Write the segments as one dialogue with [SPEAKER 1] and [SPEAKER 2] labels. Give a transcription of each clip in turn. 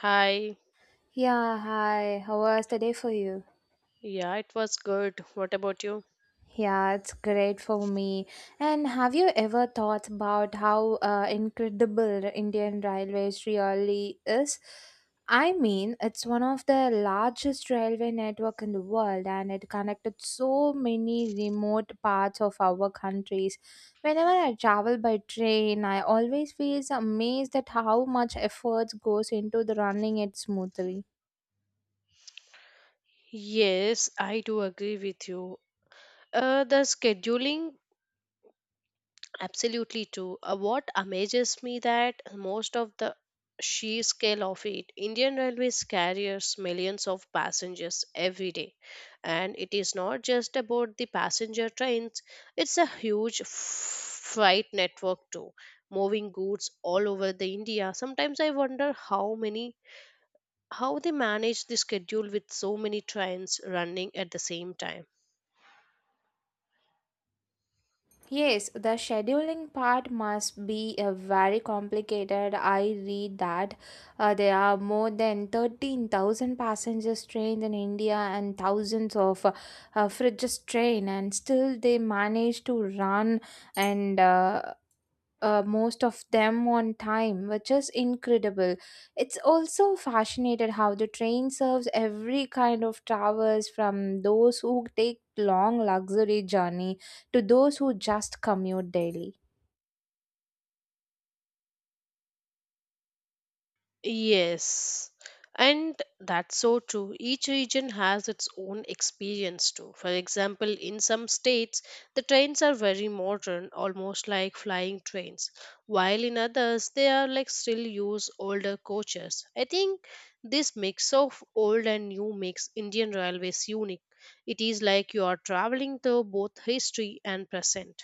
[SPEAKER 1] Hi.
[SPEAKER 2] Yeah, hi. How was the day for you?
[SPEAKER 1] Yeah, it was good. What about you?
[SPEAKER 2] Yeah, it's great for me. And have you ever thought about how incredible the Indian Railways really is? I mean, it's one of the largest railway network in the world and it connected so many remote parts of our countries. Whenever I travel by train, I always feel amazed at how much effort goes into the running it smoothly.
[SPEAKER 1] Yes, I do agree with you. The scheduling, absolutely true. What amazes me that most of the sheer scale of it, Indian Railways carries millions of passengers every day, and it is not just about the passenger trains. It's a huge freight network too, moving goods all over the India. Sometimes I wonder how they manage the schedule with so many trains running at the same time.
[SPEAKER 2] Yes, the scheduling part must be very complicated. I read that there are more than 13,000 passengers trained in India and thousands of fridges train and still they manage to run and most of them on time, which is incredible. It's also fascinated how the train serves every kind of travelers from those who take long luxury journey to those who just commute daily.
[SPEAKER 1] Yes, and that's so true. Each region has its own experience too. For example, in some states, the trains are very modern, almost like flying trains, while in others, they are like still use older coaches. I think this mix of old and new makes Indian Railways unique. It is like you are traveling through both history and present.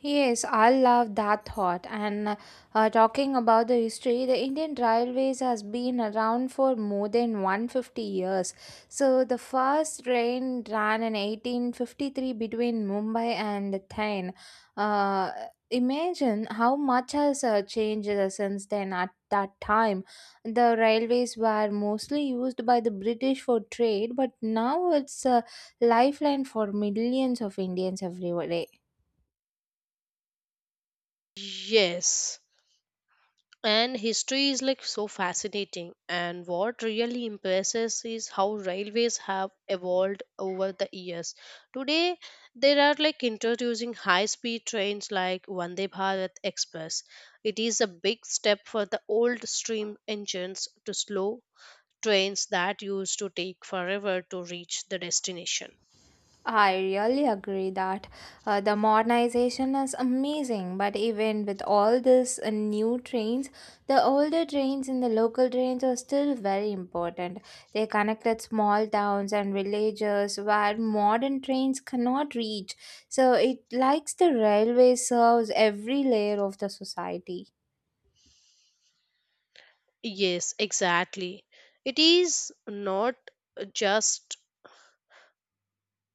[SPEAKER 2] Yes, I love that thought. And talking about the history, the Indian Railways has been around for more than 150 years. So the first train ran in 1853 between Mumbai and Thane. Uh, imagine how much has changed since then. At that time, the railways were mostly used by the British for trade, but now it's a lifeline for millions of Indians everywhere.
[SPEAKER 1] Yes, and history is like so fascinating. And what really impresses is how railways have evolved over the years. Today, they are like introducing high speed trains like Vande Bharat Express. It is a big step for the old steam engines to slow trains that used to take forever to reach the destination.
[SPEAKER 2] I really agree that the modernization is amazing, but even with all this new trains, the older trains and the local trains are still very important. They connected small towns and villages where modern trains cannot reach. So it likes the railway serves every layer of the society.
[SPEAKER 1] Yes, exactly. It is not just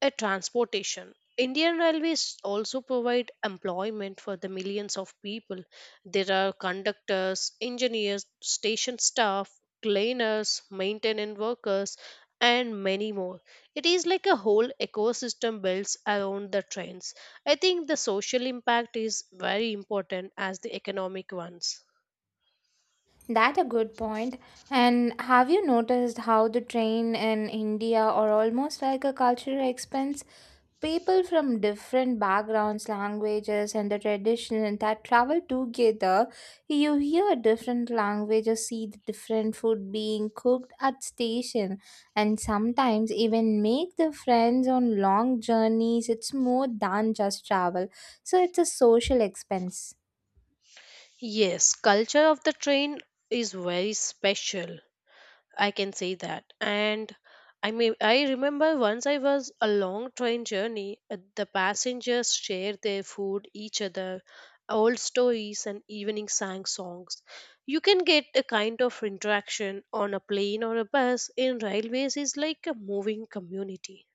[SPEAKER 1] a transportation. Indian Railways also provide employment for the millions of people. There are conductors, engineers, station staff, cleaners, maintenance workers, and many more. It is like a whole ecosystem built around the trains. I think the social impact is very important as the economic ones.
[SPEAKER 2] That a good point. And have you noticed how the train in India are almost like a cultural expense? People from different backgrounds, languages, and the tradition that travel together, you hear different languages, see the different food being cooked at station, and sometimes even make the friends on long journeys. It's more than just travel, so it's a social expense.
[SPEAKER 1] Yes, culture of the train is very special. I can say that. And I mean, I remember once I was a long train journey, the passengers shared their food, each other, old stories, and evening sang songs. You can get a kind of interaction on a plane or a bus. In railways, is like a moving community.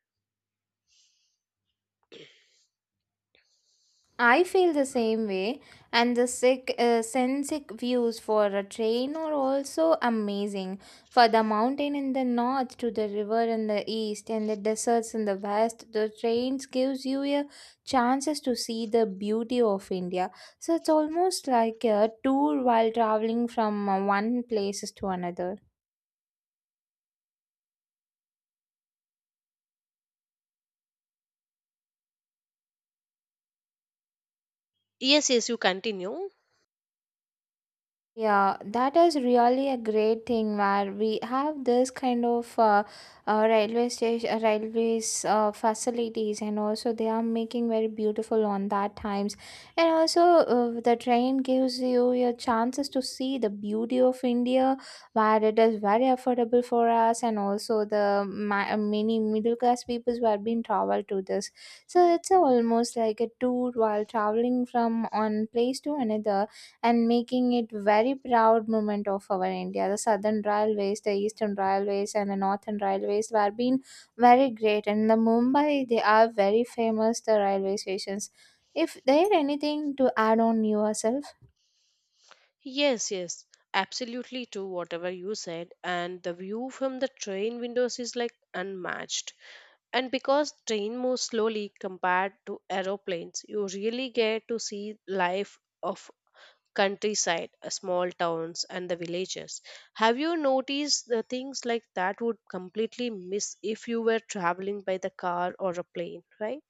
[SPEAKER 2] I feel the same way, and the sick, scenic views for a train are also amazing. For the mountain in the north, to the river in the east, and the deserts in the west, the trains gives you a chances to see the beauty of India. So it's almost like a tour while traveling from one places to another.
[SPEAKER 1] Yes, yes, you continue.
[SPEAKER 2] Yeah, that is really a great thing where we have this kind of railway station, railways facilities, and also they are making very beautiful on that times. And also, the train gives you your chances to see the beauty of India, where it is very affordable for us, and also the many middle class people who have been travel to this. So it's almost like a tour while traveling from one place to another and making it very proud moment of our India. The Southern Railways, the Eastern Railways, and the Northern Railways were being very great. And the Mumbai, they are very famous. The railway stations. If there anything to add on yourself.
[SPEAKER 1] Yes, yes, absolutely true, whatever you said. And the view from the train windows is like unmatched. And because train moves slowly compared to aeroplanes, you really get to see life of countryside, small towns and the villages. Have you noticed the things like that would completely miss if you were traveling by the car or a plane, right?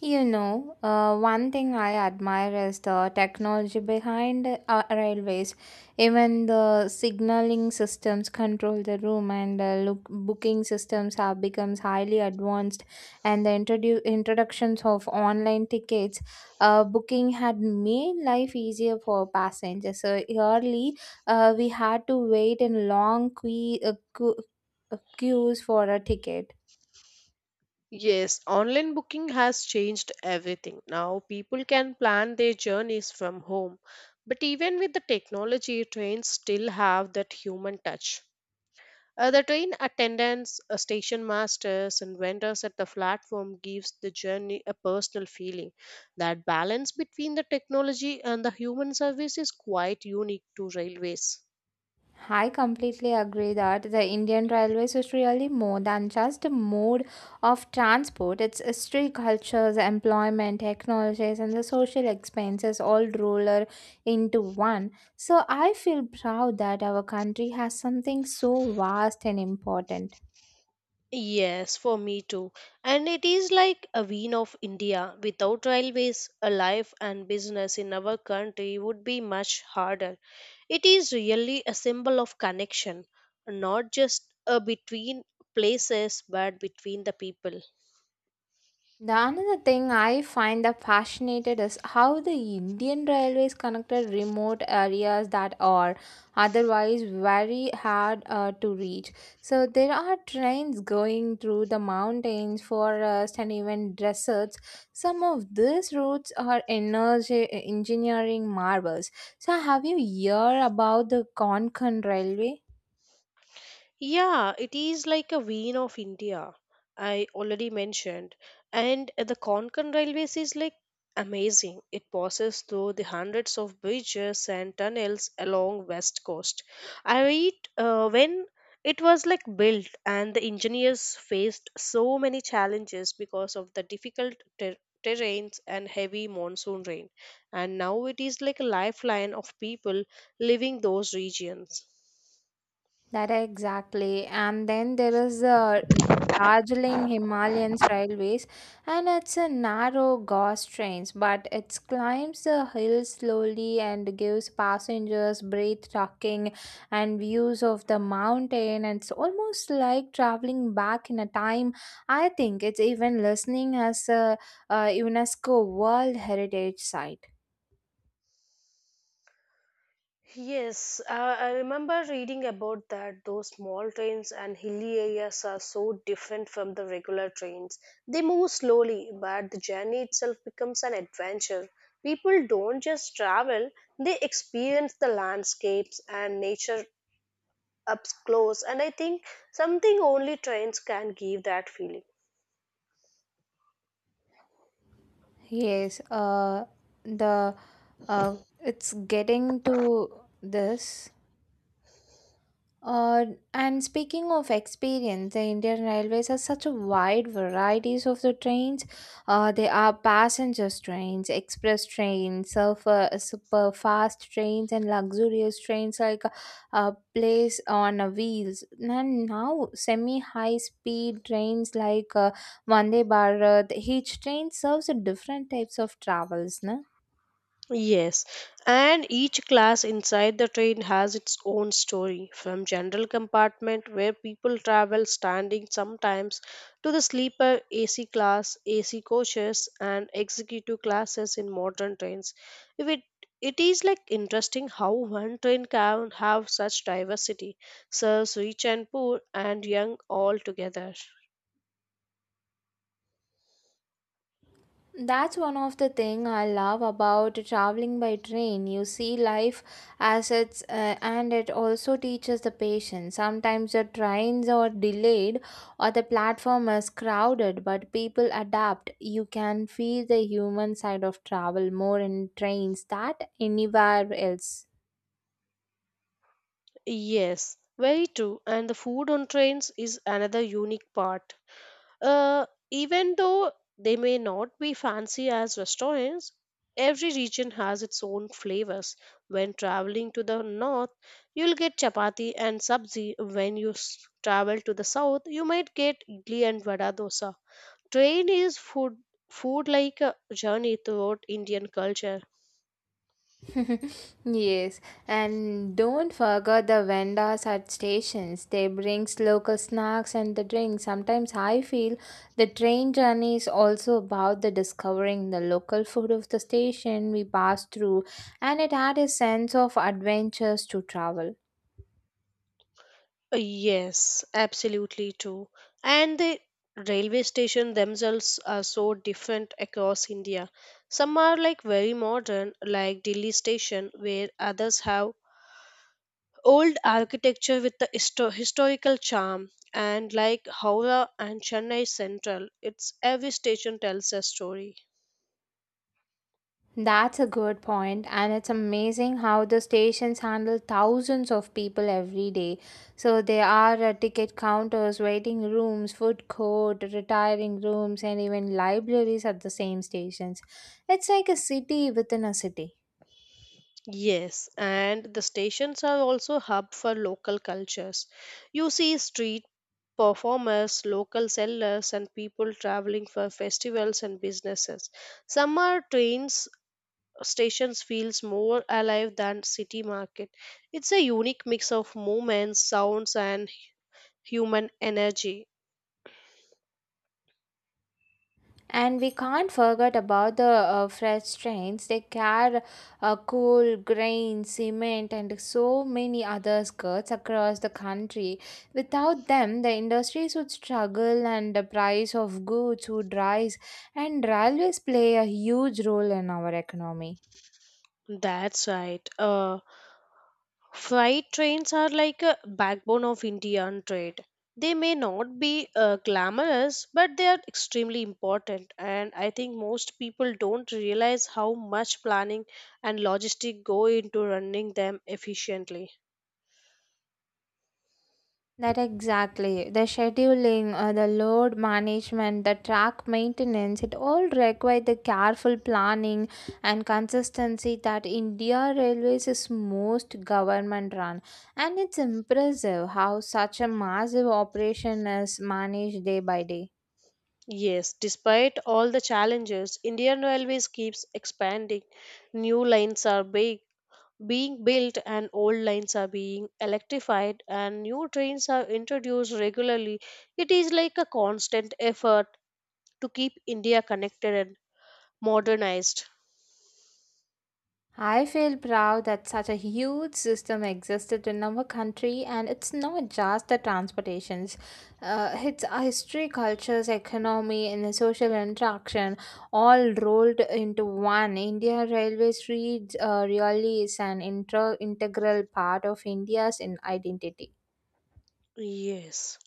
[SPEAKER 2] You know, one thing I admire is the technology behind railways. Even the signaling systems control the room, and look, booking systems have become highly advanced. And the introductions of online tickets, booking had made life easier for passengers. So early, we had to wait in long queues for a ticket.
[SPEAKER 1] Yes, online booking has changed everything. Now people can plan their journeys from home. But even with the technology, trains still have that human touch. The train attendants, station masters, and vendors at the platform gives the journey a personal feeling. That balance between the technology and the human service is quite unique to railways.
[SPEAKER 2] I completely agree that the Indian Railways is really more than just a mode of transport. Its history, cultures, employment, technologies, and the social expenses all roller into one. So I feel proud that our country has something so vast and important.
[SPEAKER 1] Yes, for me too. And it is like a vein of India. Without railways, a life and business in our country would be much harder. It is really a symbol of connection, not just between places, but between the people.
[SPEAKER 2] The another thing I find that fascinated is how the Indian railways connected remote areas that are otherwise very hard to reach. So there are trains going through the mountains, forests, and even deserts. Some of these routes are energy engineering marvels. So have you heard about the Konkan railway?
[SPEAKER 1] Yeah, it is like a vein of India, I already mentioned. And the Konkan Railways is like amazing. It passes through the hundreds of bridges and tunnels along west coast. I read when it was like built and the engineers faced so many challenges because of the difficult terrains and heavy monsoon rain. And now it is like a lifeline of people living those regions.
[SPEAKER 2] That exactly. And then there is the Darjeeling Himalayan Railways, and it's a narrow gauze trains, but it climbs the hill slowly and gives passengers breathtaking and views of the mountain. And it's almost like traveling back in a time. I think it's even listening as a UNESCO World Heritage Site.
[SPEAKER 1] Yes, I remember reading about that. Those small trains and hilly areas are so different from the regular trains. They move slowly, but the journey itself becomes an adventure. People don't just travel, they experience the landscapes and nature up close, and I think something only trains can give that feeling.
[SPEAKER 2] Yes, the it's getting to this. Uh, and speaking of experience, the Indian Railways has such a wide varieties of the trains. There are passenger trains, express trains, super fast trains, and luxurious trains like place on a wheels. And now semi high speed trains like Vande Bharat. Each train serves a different types of travels, na?
[SPEAKER 1] Yes, and each class inside the train has its own story, from general compartment where people travel standing sometimes to the sleeper AC class, AC coaches and executive classes in modern trains. If it it is like interesting how one train can have such diversity, serves rich and poor and young all together.
[SPEAKER 2] That's one of the thing I love about traveling by train. You see life as it's and it also teaches the patience. Sometimes the trains are delayed or the platform is crowded, but people adapt. You can feel the human side of travel more in trains than anywhere else.
[SPEAKER 1] Yes, very true. And the food on trains is another unique part. Uh, even though they may not be fancy as restaurants, every region has its own flavors. When traveling to the north, you'll get chapati and sabzi. When you travel to the south, you might get idli and vada dosa. Train is food like a journey throughout Indian culture.
[SPEAKER 2] Yes, and don't forget the vendors at stations. They brings local snacks and the drinks. Sometimes I feel the train journey is also about the discovering the local food of the station we pass through, and it had a sense of adventures to travel.
[SPEAKER 1] Yes, absolutely true. And the railway station themselves are so different across India. Some are like very modern, like Delhi station, where others have old architecture with the historical charm. And like Howrah and Chennai Central, it's every station tells a story.
[SPEAKER 2] That's a good point, and it's amazing how the stations handle thousands of people every day. So there are ticket counters, waiting rooms, food court, retiring rooms, and even libraries at the same stations. It's like a city within a city.
[SPEAKER 1] Yes, and the stations are also hub for local cultures. You see street performers, local sellers, and people traveling for festivals and businesses. Summer trains stations feels more alive than city market. It's a unique mix of movements, sounds, and human energy.
[SPEAKER 2] And we can't forget about the freight trains. They carry coal, grain, cement, and so many other goods across the country. Without them, the industries would struggle and the price of goods would rise. And railways play a huge role in our economy.
[SPEAKER 1] That's right. Freight trains are like a backbone of Indian trade. They may not be glamorous, but they are extremely important. And I think most people don't realize how much planning and logistic go into running them efficiently.
[SPEAKER 2] That exactly. The scheduling, the load management, the track maintenance, it all require the careful planning and consistency that India Railways is most government run. And it's impressive how such a massive operation is managed day by day.
[SPEAKER 1] Yes, despite all the challenges, Indian Railways keeps expanding. New lines are big, being built and old lines are being electrified and new trains are introduced regularly. It is like a constant effort to keep India connected and modernized.
[SPEAKER 2] I feel proud that such a huge system existed in our country, and it's not just the transportations. It's our history, cultures, economy, and the social interaction all rolled into one. India Railways reads, really is an integral part of India's identity.
[SPEAKER 1] Yes,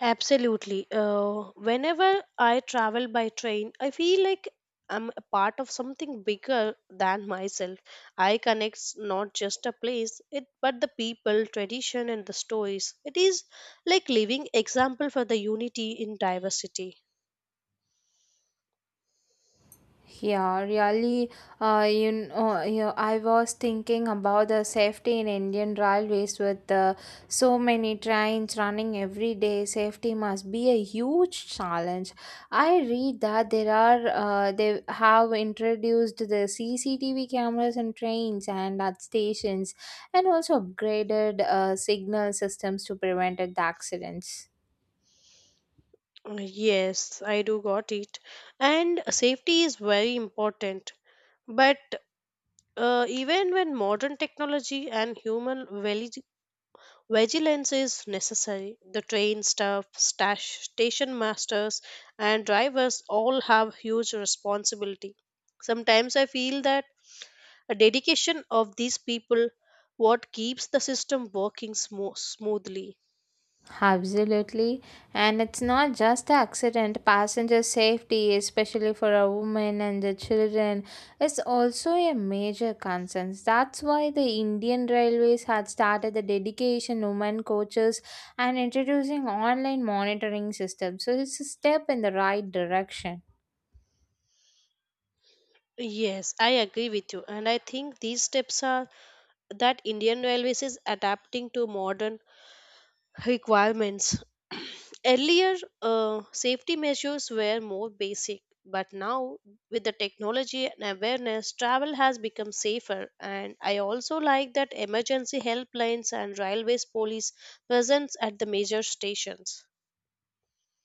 [SPEAKER 1] absolutely. Whenever I travel by train, I feel like I'm a part of something bigger than myself. I connects not just a place, it but the people, tradition, and the stories. It is like living example for the unity in diversity.
[SPEAKER 2] Yeah, really, you know, you I was thinking about the safety in Indian railways with so many trains running every day. Safety must be a huge challenge. I read that there are they have introduced the CCTV cameras in trains and at stations, and also upgraded signal systems to prevent the accidents.
[SPEAKER 1] Yes, I do got it. And safety is very important. But even when modern technology and human vigilance is necessary, the train staff, stash, station masters, and drivers all have huge responsibility. Sometimes I feel that a dedication of these people what keeps the system working smoothly.
[SPEAKER 2] Absolutely. And it's not just the accident. Passenger safety, especially for a woman and the children, is also a major concern. That's why the Indian Railways had started the dedication women coaches and introducing online monitoring system. So it's a step in the right direction.
[SPEAKER 1] Yes, I agree with you, and I think these steps are that Indian Railways is adapting to modern requirements. Earlier, safety measures were more basic, but now with the technology and awareness, travel has become safer. And I also like that emergency helplines and railways police presence at the major stations.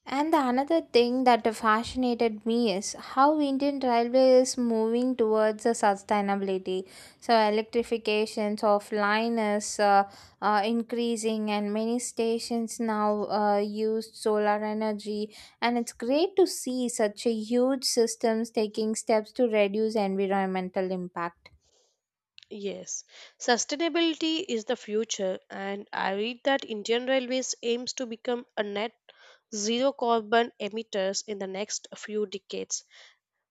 [SPEAKER 2] And the another thing that fascinated me is how Indian Railway is moving towards the sustainability. So electrifications of line is increasing, and many stations now use solar energy. And it's great to see such a huge systems taking steps to reduce environmental impact.
[SPEAKER 1] Yes, sustainability is the future, and I read that Indian Railways aims to become a net zero carbon emitters in the next few decades.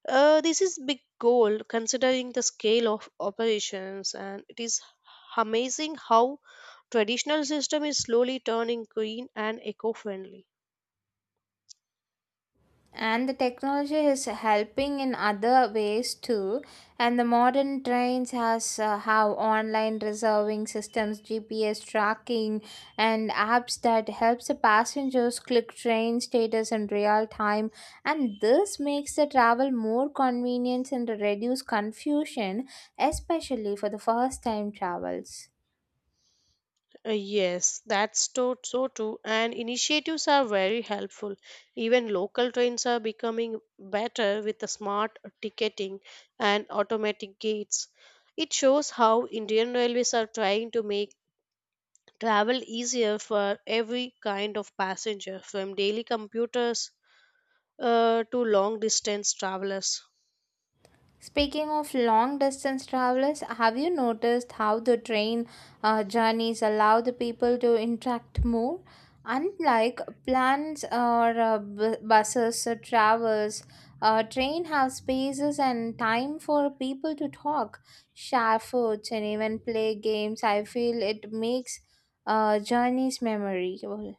[SPEAKER 1] This is big goal considering the scale of operations, and it is amazing how traditional system is slowly turning green and eco-friendly.
[SPEAKER 2] And the technology is helping in other ways too, and the modern trains has have online reserving systems, GPS tracking, and apps that helps the passengers click train status in real time. And this makes the travel more convenient and reduce confusion, especially for the first time travels.
[SPEAKER 1] Yes, that's so too, and initiatives are very helpful. Even local trains are becoming better with the smart ticketing and automatic gates. It shows how Indian Railways are trying to make travel easier for every kind of passenger, from daily computers to long distance travelers.
[SPEAKER 2] Speaking of long distance travelers, have you noticed how the train journeys allow the people to interact more? Unlike plans or buses or travels, train have spaces and time for people to talk, share foods, and even play games. I feel it makes journeys memorable.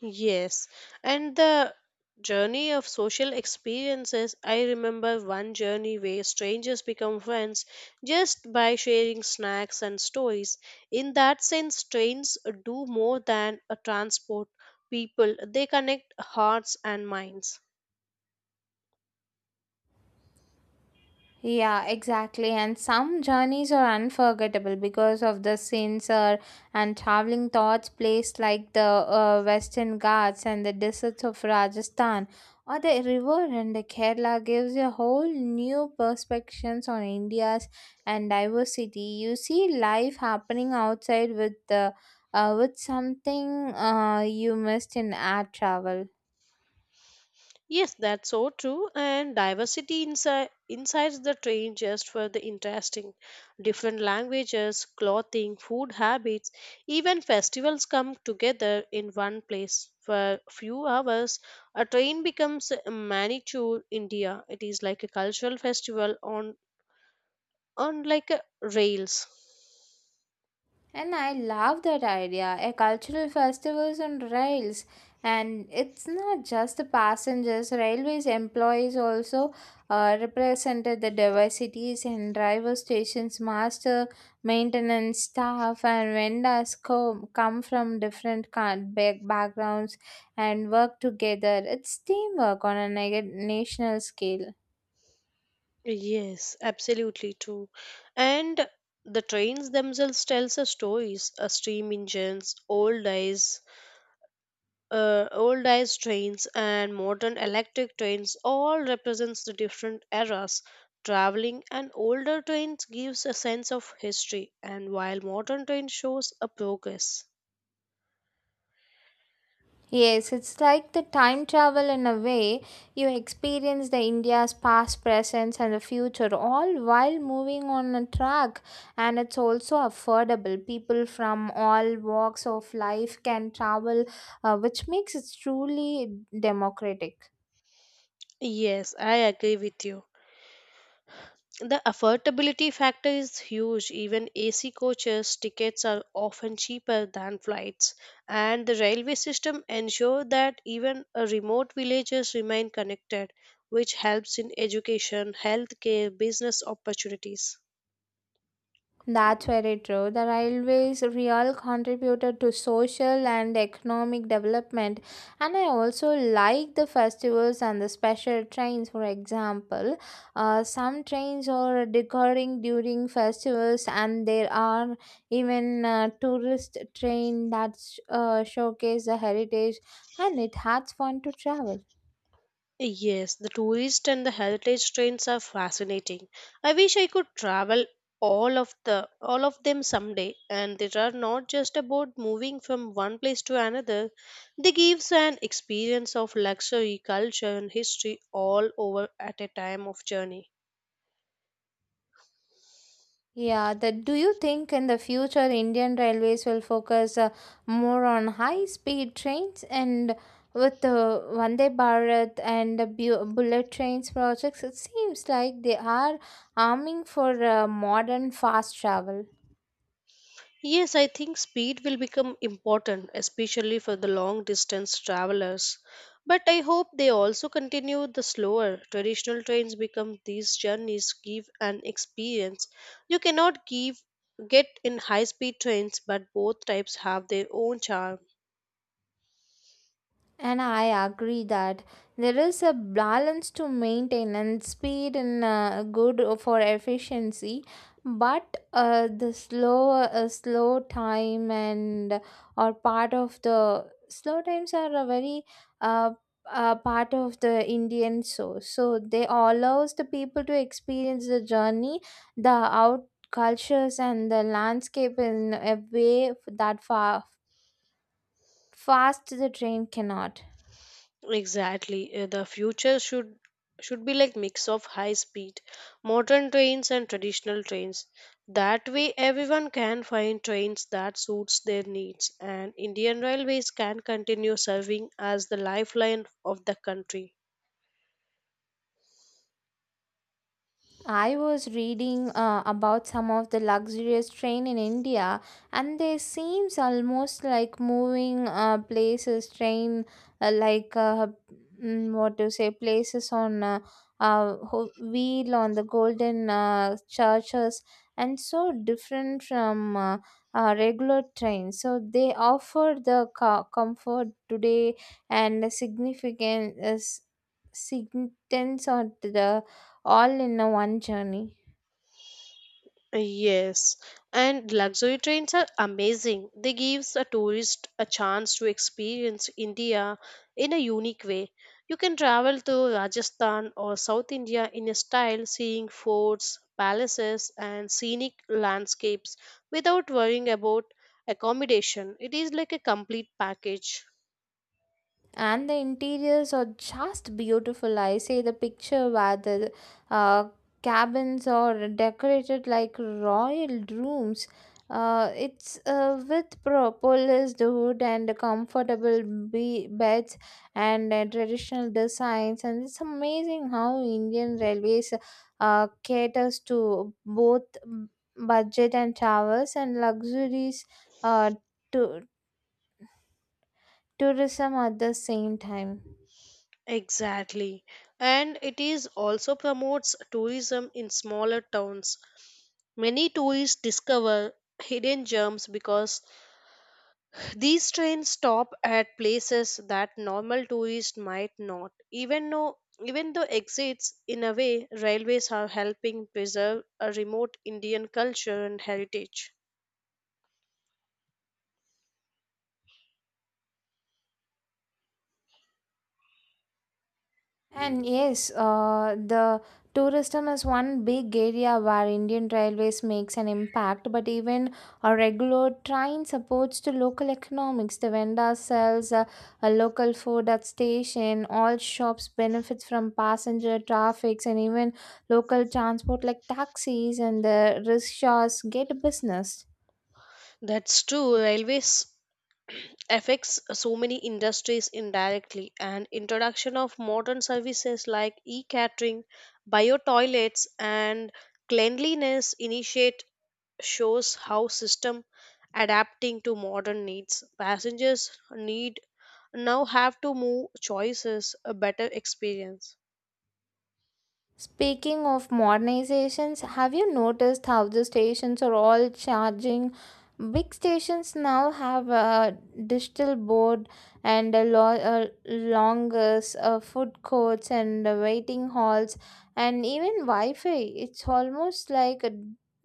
[SPEAKER 1] Yes, and the journey of social experiences. I remember one journey where strangers become friends just by sharing snacks and stories. In that sense, trains do more than a transport people, they connect hearts and minds.
[SPEAKER 2] Yeah, exactly. And some journeys are unforgettable because of the scenes or and traveling thoughts placed like the Western Ghats and the deserts of Rajasthan or the river in the Kerala gives a whole new perspectives on India's and diversity. You see life happening outside with the with something you missed in air travel.
[SPEAKER 1] Yes, that's so true. And diversity inside the train just for the interesting. Different languages, clothing, food habits, even festivals come together in one place. For few hours, a train becomes a miniature India. It is like a cultural festival on like a rails.
[SPEAKER 2] And I love that idea, a cultural festivals on rails. And it's not just the passengers, railways employees also represented the diversities and driver stations, master, maintenance staff, and vendors come from different kind backgrounds and work together. It's teamwork on a national scale.
[SPEAKER 1] Yes, absolutely true. And the trains themselves tells us stories, steam engines, old days, old ice trains and modern electric trains all represents the different eras traveling an older trains gives a sense of history and while modern train shows a progress
[SPEAKER 2] Yes, it's like the time travel in a way. You experience the India's past, present, and the future all while moving on a track, and it's also affordable. People from all walks of life can travel, which makes it truly democratic.
[SPEAKER 1] yes I agree with you. The affordability factor is huge. Even AC coaches tickets are often cheaper than flights, and the railway system ensure that even remote villages remain connected, which helps in education, healthcare, business opportunities.
[SPEAKER 2] That's very true. The railways real contributed to social and economic development and I also like the festivals and the special trains for example. Some trains are recurring during festivals and there are even tourist train that showcase the heritage and it has fun to travel.
[SPEAKER 1] Yes, the tourist and the heritage trains are fascinating. I wish I could travel all of them someday and they are not just about moving from one place to another. They gives an experience of luxury, culture and history all over at a time of journey.
[SPEAKER 2] Yeah, that do you think in the future Indian Railways will focus more on high speed trains and with the Vande Bharat and the bullet trains projects? It seems like they are aiming for modern fast travel.
[SPEAKER 1] Yes, I think speed will become important, especially for the long distance travelers. But I hope they also continue the slower traditional trains become these journeys give an experience you cannot give get in high speed trains but both types have their own charm.
[SPEAKER 2] And I agree that there is a balance to maintain and speed and good for efficiency, but the slow slow time and or part of the slow times are a very uh, part of the Indian so they allows the people to experience the journey, the out cultures and the landscape in a way that far fast the train cannot.
[SPEAKER 1] Exactly. The future should be like mix of high speed, modern trains and traditional trains. That way everyone can find trains that suits their needs and Indian Railways can continue serving as the lifeline of the country.
[SPEAKER 2] I was reading about some of the luxurious train in India, and they seems almost like moving places train like what to say places on wheel on the golden churches and so different from regular trains. So they offer the comfort today and the significant significance on the all in a one journey.
[SPEAKER 1] Yes, and luxury trains are amazing. They gives a tourist a chance to experience India in a unique way. You can travel to Rajasthan or South India in a style seeing forts, palaces and scenic landscapes without worrying about accommodation. It is like a complete package.
[SPEAKER 2] And the interiors are just beautiful. I say the picture where the uh, cabins are decorated like royal rooms. It's with polished wood and comfortable beds and traditional designs. And it's amazing how Indian Railways caters to both budget and travels and luxuries uh, to tourism at the same time.
[SPEAKER 1] Exactly. And it is also promotes tourism in smaller towns. Many tourists discover hidden gems because these trains stop at places that normal tourists might not. Even though exits in a way railways are helping preserve a remote Indian culture and heritage.
[SPEAKER 2] And yes, the tourism is one big area where Indian Railways makes an impact, but even a regular train supports to local economics. The vendor sells a local food at station, all shops benefits from passenger traffics and even local transport like taxis and the rickshaws get business.
[SPEAKER 1] That's true. Railways affects so many industries indirectly and introduction of modern services like e-catering bio toilets and cleanliness initiate shows how system adapting to modern needs passengers need now have to move choices a better experience.
[SPEAKER 2] Speaking of modernizations, have you noticed how the stations are all charging? Big stations now have a digital board and a longest food courts and waiting halls and even Wi-Fi. It's almost like a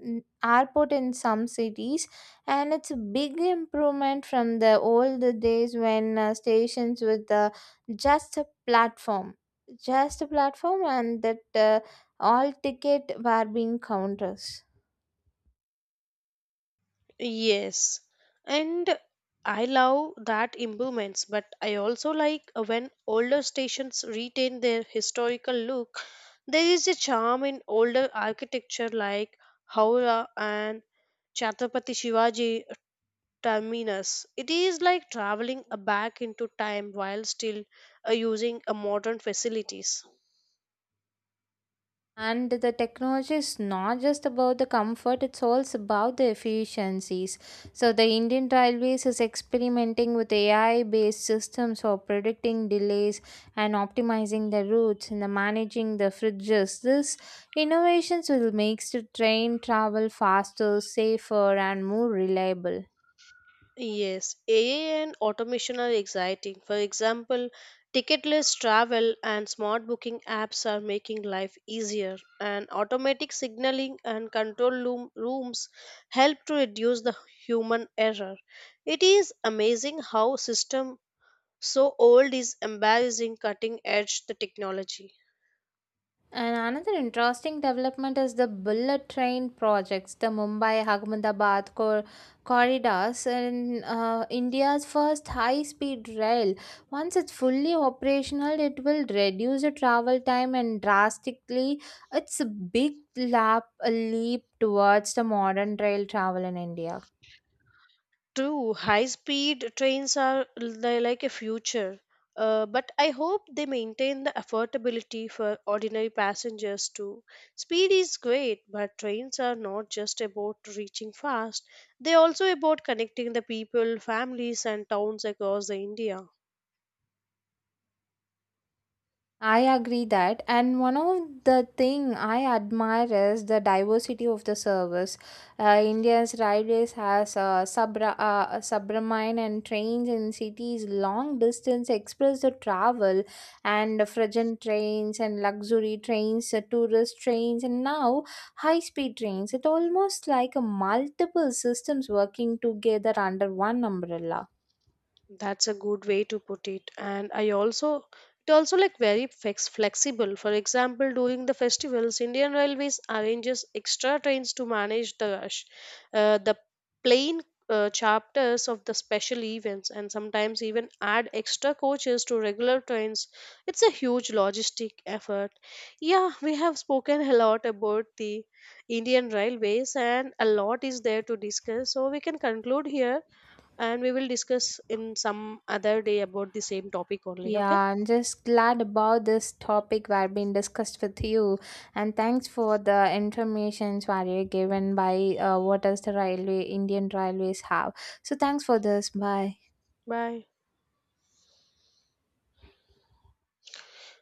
[SPEAKER 2] airport in some cities, and it's a big improvement from the old days when stations with just a platform just a platform and that all ticket were being counters
[SPEAKER 1] Yes, and I love that improvements, but I also like when older stations retain their historical look. There is a charm in older architecture like Howrah and Chhatrapati Shivaji Terminus. It is like traveling back into time while still using modern facilities.
[SPEAKER 2] and the technology is not just about the comfort it's also about the efficiencies so the indian railways is experimenting with AI based systems for predicting delays and optimizing the routes and the managing the fridges These innovations will make the train travel faster safer and more reliable.
[SPEAKER 1] Yes, AI and automation are exciting. For example, ticketless travel and smart booking apps are making life easier, and automatic signaling and control rooms help to reduce the human error. It is amazing how system so old is embarrassing cutting edge the technology.
[SPEAKER 2] And another interesting development is the bullet train projects, the Mumbai Ahmedabad corridors, and India's first high speed rail. Once it's fully operational, it will reduce the travel time and drastically. It's a big lap, a leap towards the modern rail travel in India.
[SPEAKER 1] True, high speed trains are like a future, but I hope they maintain the affordability for ordinary passengers too. Speed is great, but trains are not just about reaching fast, they also about connecting the people, families, and towns across the India.
[SPEAKER 2] I agree that, and one of the thing I admire is the diversity of the service. India's railways has Sabra, Subramine and trains in cities, long distance express the travel, and freight trains and luxury trains, tourist trains, and now high speed trains. It almost like a multiple systems working together under one umbrella.
[SPEAKER 1] That's a good way to put it. And I also, it also like very flexible. For example, during the festivals, Indian Railways arranges extra trains to manage the rush. The plain chapters of the special events and sometimes even add extra coaches to regular trains. It's a huge logistic effort. Yeah, we have spoken a lot about the Indian Railways and a lot is there to discuss. So we can conclude here and we will discuss in some other day about the same topic only
[SPEAKER 2] Yeah,
[SPEAKER 1] okay
[SPEAKER 2] I'm just glad about this topic were being discussed with you, and thanks for the informations were you given by what does the railway Indian railways have. So thanks for this. Bye.
[SPEAKER 1] bye.